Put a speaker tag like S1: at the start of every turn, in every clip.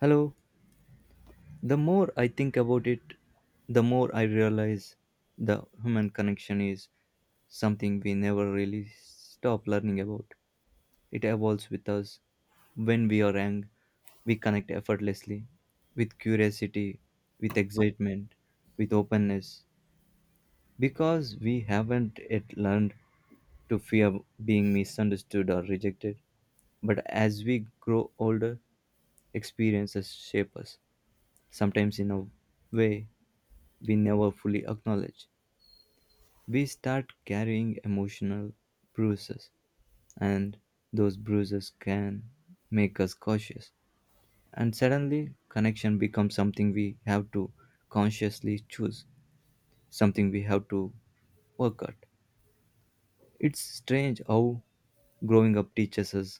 S1: Hello. The more I think about it, the more I realize the human connection is something we never really stop learning about. It evolves with us. When we are young, we connect effortlessly with curiosity, with excitement, with openness because we haven't yet learned to fear being misunderstood or rejected. But as we grow older, experiences shape us, sometimes in a way we never fully acknowledge. We start carrying emotional bruises, and those bruises can make us cautious. And suddenly, connection becomes something we have to consciously choose, something we have to work at. It's strange how growing up teaches us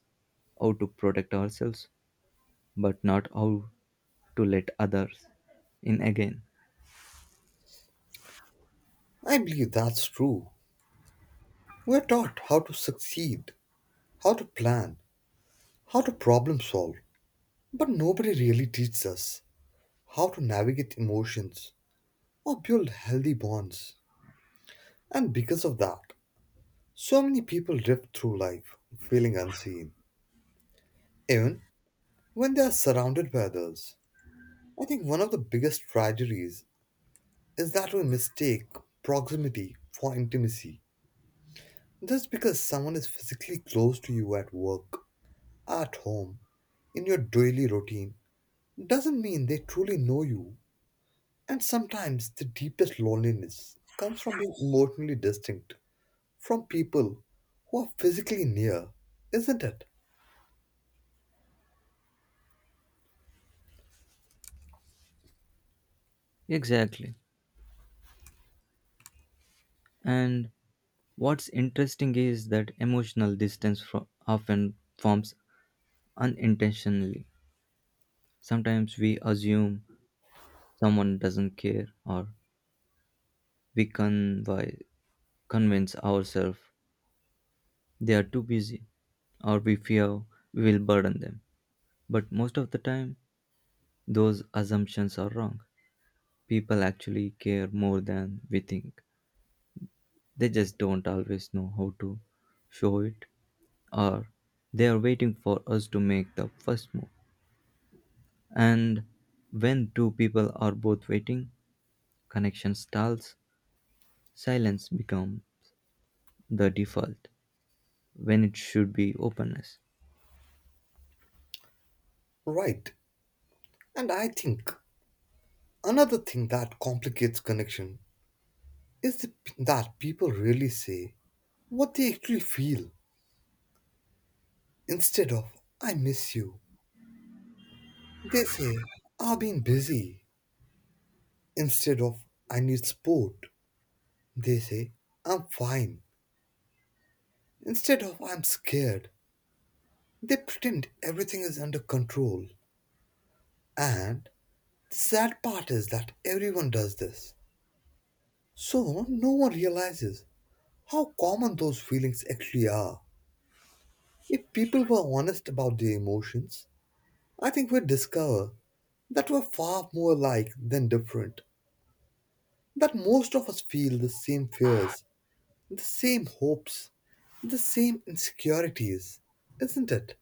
S1: how to protect ourselves, but not how to let others in again.
S2: I believe that's true. We're taught how to succeed, how to plan, how to problem solve, but nobody really teaches us how to navigate emotions or build healthy bonds. And because of that, so many people drift through life feeling unseen, even when they are surrounded by others. I think one of the biggest tragedies is that we mistake proximity for intimacy. Just because someone is physically close to you at work, at home, in your daily routine, doesn't mean they truly know you. And sometimes the deepest loneliness comes from being emotionally distinct from people who are physically near, isn't it?
S1: Exactly. And What's interesting is that emotional distance often forms unintentionally. Sometimes we assume someone doesn't care, or we convi- convince ourselves they are too busy, or we fear we will burden them. But most of the time, those assumptions are wrong. People actually care more than we think. They just don't always know how to show it, or they are waiting for us to make the first move. And when two people are both waiting, connection stalls, silence become the default when it should be openness.
S2: Right. And I think another thing that complicates connection is that people really say what they actually feel instead of I miss you. They say I've been busy instead of I need support. They say I'm fine instead of I'm scared, they pretend everything is under control. And the sad part is that everyone does this. So no one realizes how common those feelings actually are. If people were honest about their emotions, I think we'd discover that we're far more alike than different, that most of us feel the same fears, the same hopes, the same insecurities, isn't it?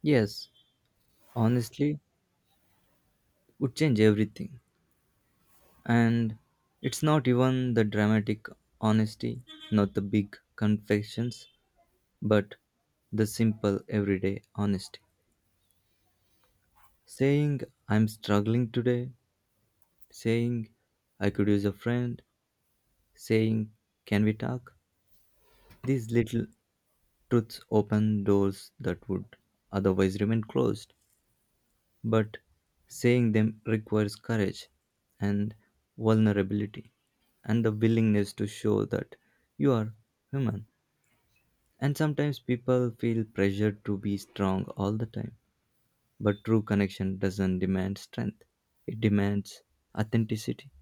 S1: Yes, honestly, would change everything. And it's not even the dramatic honesty, not the big confessions, but the simple everyday honesty. Saying I'm struggling today, saying I could use a friend, saying can we talk? These little truths open doors that would otherwise remain closed, but saying them requires courage and vulnerability and the willingness to show that you are human. And sometimes people feel pressured to be strong all the time, but true connection doesn't demand strength, it demands authenticity.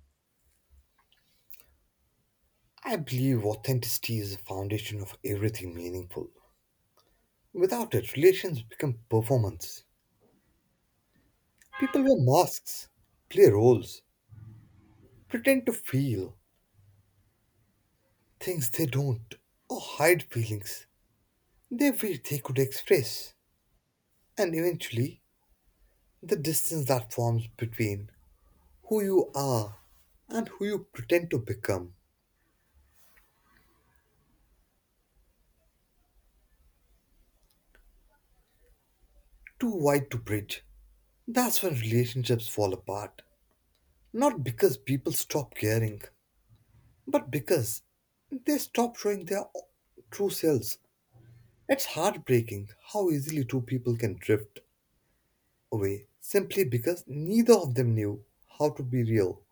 S2: I believe authenticity is the foundation of everything meaningful. Without it, relations become performance. People wear masks, play roles, pretend to feel things they don't, or hide feelings they wish they could express. And eventually, the distance that forms between who you are and who you pretend to become too wide to bridge. That's when relationships fall apart. Not because people stop caring, but because they stop showing their true selves. It's heartbreaking how easily two people can drift away simply because neither of them knew how to be real.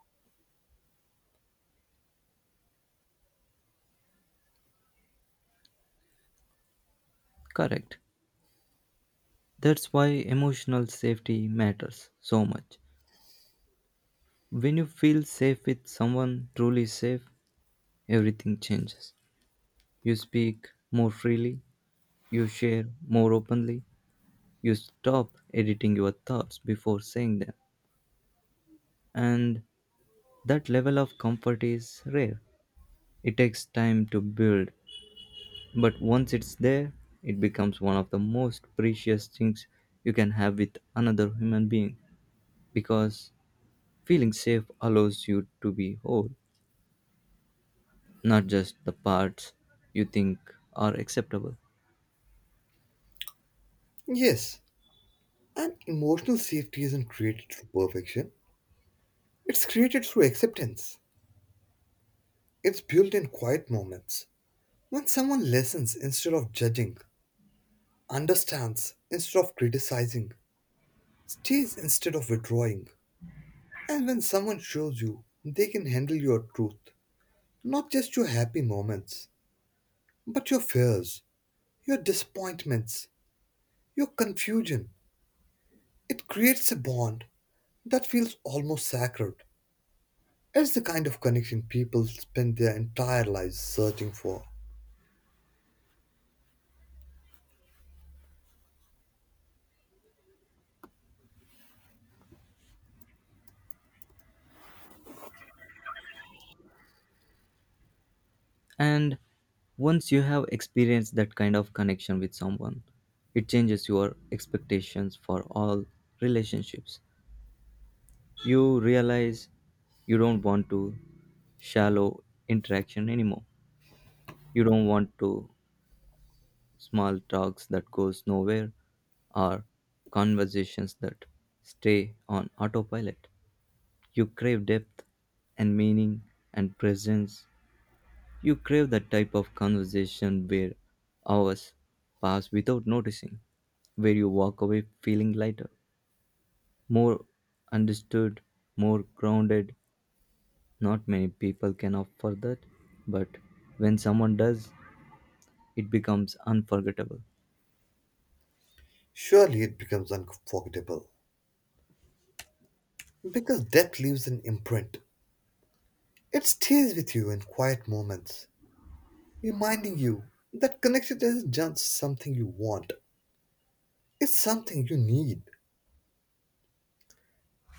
S1: Correct. That's why emotional safety matters so much. When you feel safe with someone truly safe, everything changes. You speak more freely, you share more openly, you stop editing your thoughts before saying them. And that level of comfort is rare. It takes time to build, but once it's there, it becomes one of the most precious things you can have with another human being because feeling safe allows you to be whole, not just the parts you think are acceptable.
S2: Yes, and emotional safety isn't created through perfection, it's created through acceptance. It's built in quiet moments. When someone listens instead of judging, understands instead of criticizing, stays instead of withdrawing, and when someone shows you they can handle your truth, not just your happy moments, but your fears, your disappointments, your confusion. It creates a bond that feels almost sacred. It's the kind of connection people spend their entire lives searching for.
S1: And once you have experienced that kind of connection with someone, it changes your expectations for all relationships. You realize you don't want to shallow interaction anymore. You don't want to small talks that goes nowhere or conversations that stay on autopilot. You crave depth and meaning and presence. You crave that type of conversation where hours pass without noticing, where you walk away feeling lighter, more understood, more grounded. Not many people can offer that, but when someone does, it becomes unforgettable.
S2: Surely it becomes unforgettable. Because death leaves an imprint. It stays with you in quiet moments, reminding you that connection isn't just something you want, it's something you need.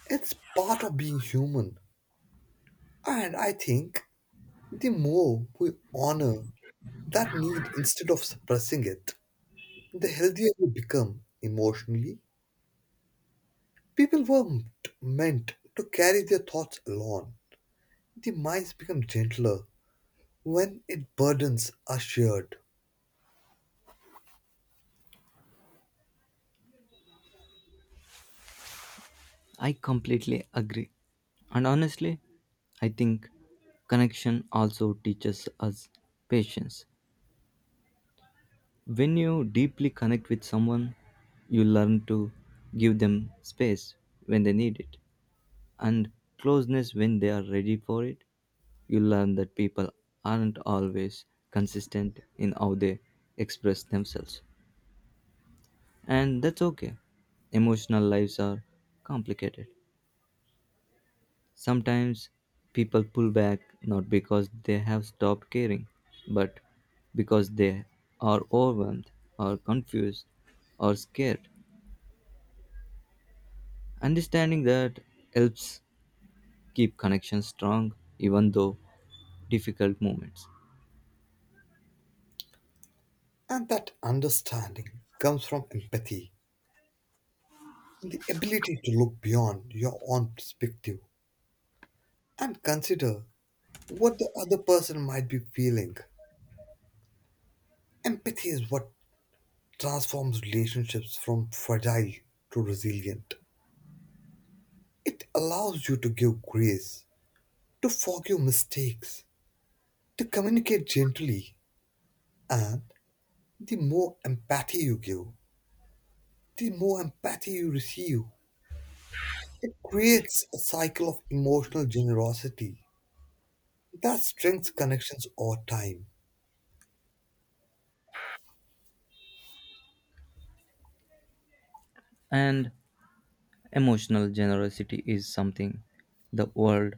S2: It's part of being human. And I think the more we honor that need instead of suppressing it, the healthier we become emotionally. People weren't meant to carry their thoughts alone. The minds become gentler when its burdens are shared.
S1: I completely agree. And honestly, I think connection also teaches us patience. When you deeply connect with someone, you learn to give them space when they need it and closeness when they are ready for it. You learn that people aren't always consistent in how they express themselves, and that's okay. Emotional lives are complicated. Sometimes people pull back not because they have stopped caring, but because they are overwhelmed or confused or scared. Understanding that helps keep connections strong even though difficult moments.
S2: And that understanding comes from empathy, the ability to look beyond your own perspective and consider what the other person might be feeling. Empathy is what transforms relationships from fragile to resilient. It allows you to give grace, to forgive mistakes, to communicate gently, and the more empathy you give, the more empathy you receive. It creates a cycle of emotional generosity that strengthens connections over time.
S1: And emotional generosity is something the world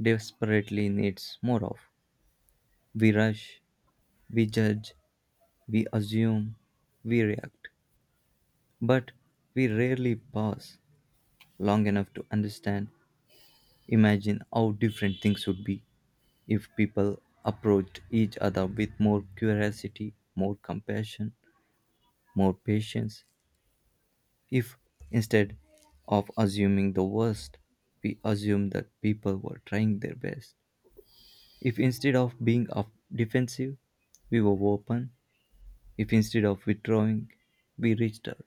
S1: desperately needs more of. We rush, we judge, we assume, we react, but we rarely pause long enough to understand, imagine how different things would be if people approached each other with more curiosity, more compassion, more patience, if, instead of assuming the worst, we assumed that people were trying their best, if instead of being of defensive, we were open, if instead of withdrawing, we reached out.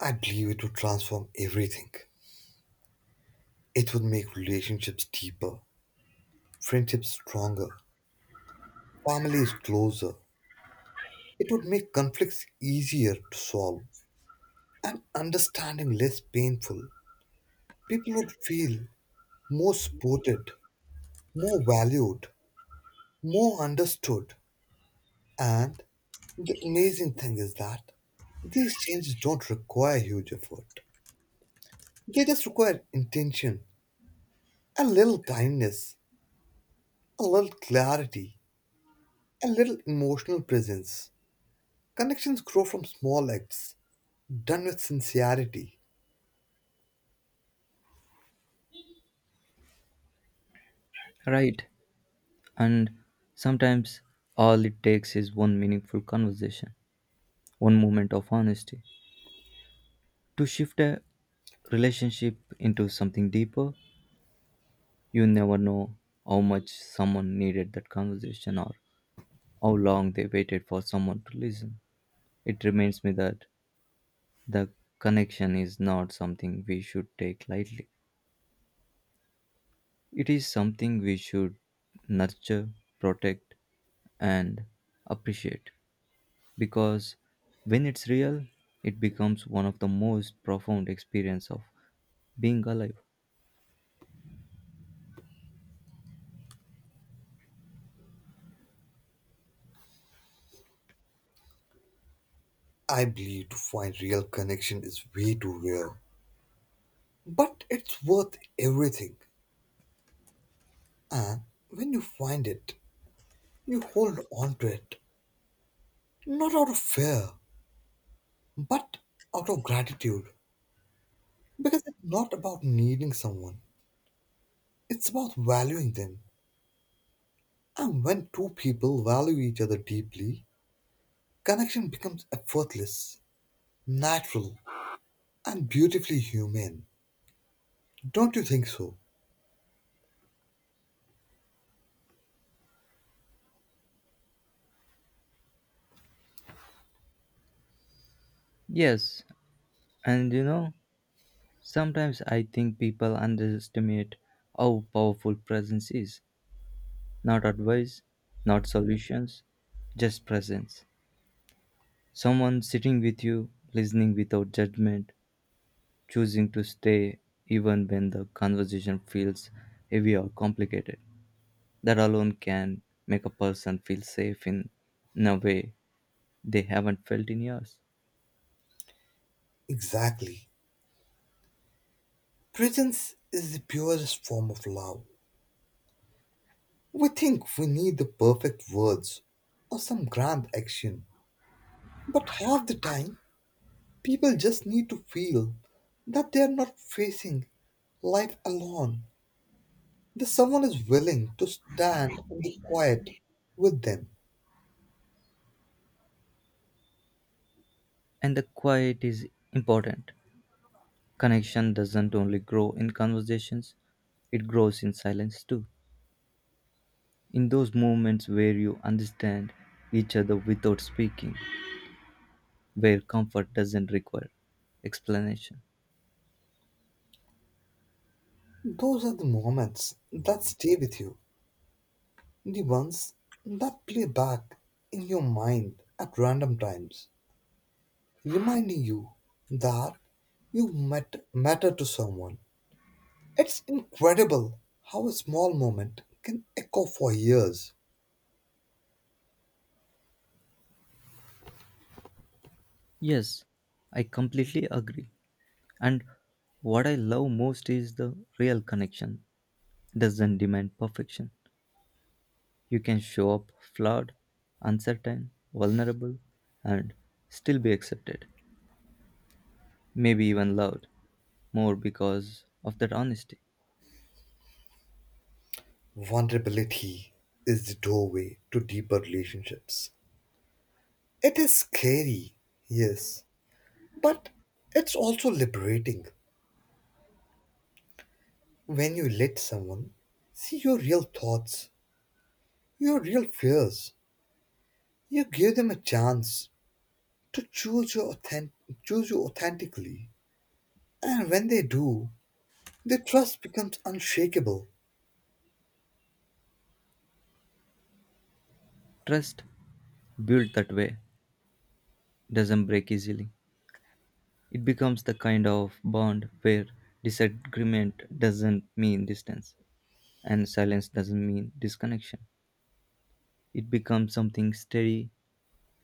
S2: I believe it would transform everything. It would make relationships deeper, friendships stronger, families closer. It would make conflicts easier to solve and understanding less painful. People would feel more supported, more valued, more understood. And the amazing thing is that these changes don't require huge effort. They just require intention, a little kindness, a little clarity, a little emotional presence. Connections grow from small acts, done with sincerity.
S1: Right. And sometimes all it takes is one meaningful conversation, one moment of honesty. To shift a relationship into something deeper, you never know how much someone needed that conversation or how long they waited for someone to listen. It reminds me that the connection is not something we should take lightly. It is something we should nurture, protect, and appreciate because when it's real, it becomes one of the most profound experience of being alive.
S2: I believe to find real connection is way too rare, but it's worth everything. And when you find it, you hold on to it, not out of fear, but out of gratitude. Because it's not about needing someone, it's about valuing them. And when two people value each other deeply, connection becomes effortless, natural, and beautifully human. Don't you think so?
S1: Yes, and sometimes I think people underestimate how powerful presence is. Not advice, not solutions, just presence. Someone sitting with you, listening without judgment, choosing to stay even when the conversation feels heavy or complicated. That alone can make a person feel safe in a way they haven't felt in years.
S2: Exactly. Presence is the purest form of love. We think we need the perfect words or some grand action, but half the time people just need to feel that they are not facing life alone, that someone is willing to stand in the quiet with them.
S1: And the quiet is important. Connection doesn't only grow in conversations, it grows in silence too. In those moments where you understand each other without speaking, where comfort doesn't require explanation.
S2: Those are the moments that stay with you, the ones that play back in your mind at random times, reminding you that you met, matter to someone. It's incredible how a small moment can echo for years.
S1: Yes, I completely agree. And what I love most is the real connection doesn't demand perfection. You can show up flawed, uncertain, vulnerable, and still be accepted, maybe even loved, more because of that honesty.
S2: Vulnerability is the doorway to deeper relationships. It is scary, yes, but it's also liberating when you let someone see your real thoughts, your real fears. You give them a chance to choose your authentic, choose you authentically, and when they do, the trust becomes unshakable,
S1: Trust, built that way, doesn't break easily. It becomes the kind of bond where disagreement doesn't mean distance, and silence doesn't mean disconnection. It becomes something steady,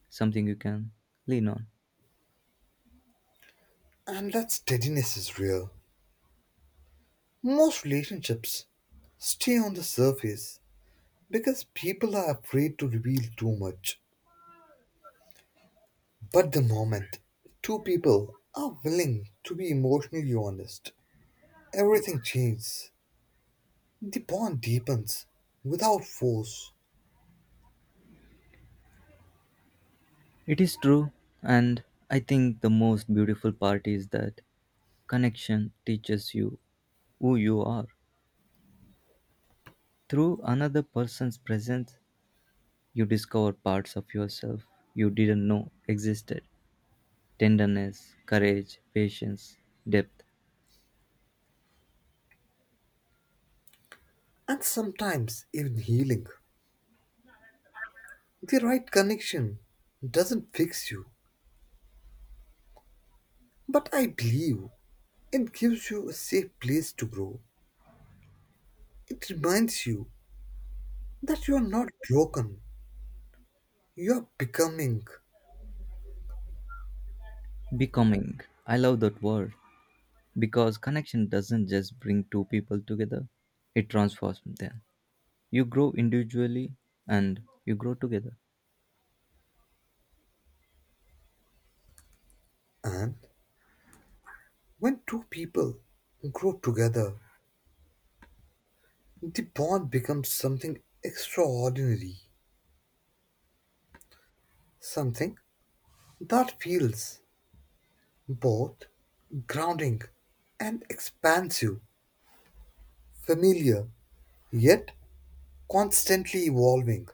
S1: something you can lean on.
S2: and that steadiness is real. Most relationships stay on the surface because people are afraid to reveal too much. But the moment two people are willing to be emotionally honest, everything changes. The bond deepens without force,
S1: It is true, and I think the most beautiful part is that connection teaches you who you are. Through another person's presence, you discover parts of yourself you didn't know existed: tenderness, courage, patience, depth,
S2: and sometimes even healing. The right connection doesn't fix you, but I believe it gives you a safe place to grow. It reminds you that you are not broken, you are becoming.
S1: becoming. I love that word because connection doesn't just bring two people together, it transforms them. You grow individually and you grow together.
S2: And when two people grow together, the bond becomes something extraordinary, something that feels both grounding and expansive, familiar, yet constantly evolving.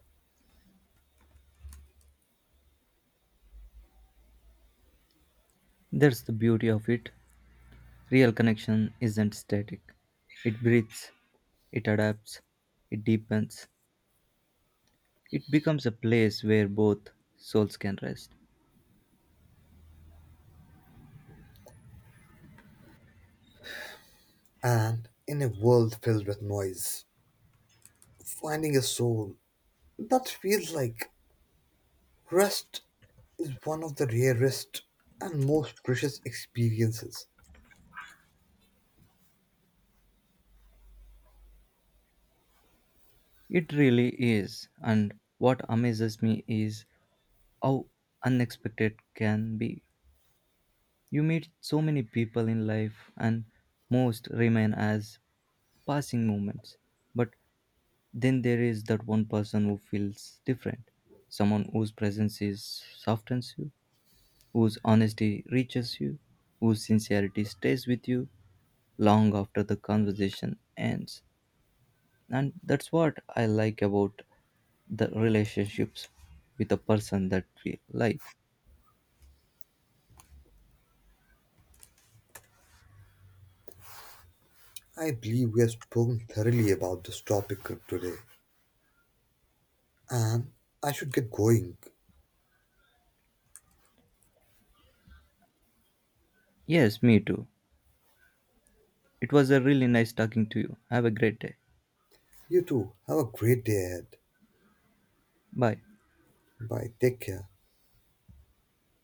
S1: That's the beauty of it. Real connection isn't static. It breathes, it adapts, it deepens, it becomes a place where both souls can rest.
S2: And in a world filled with noise, finding a soul that feels like rest is one of the rarest and most precious experiences.
S1: It really is, and what amazes me is how unexpected can be. You meet so many people in life, and most remain as passing moments. But then there is that one person who feels different, someone whose presence is softens you, whose honesty reaches you, whose sincerity stays with you long after the conversation ends. And that's what I like about the relationships with a person that we like.
S2: I believe we have spoken thoroughly about this topic today, and I should get going.
S1: Yes, me too. It was a really nice talking to you. Have a great day.
S2: You too. Have a great day ahead.
S1: Bye.
S2: Bye. Take care.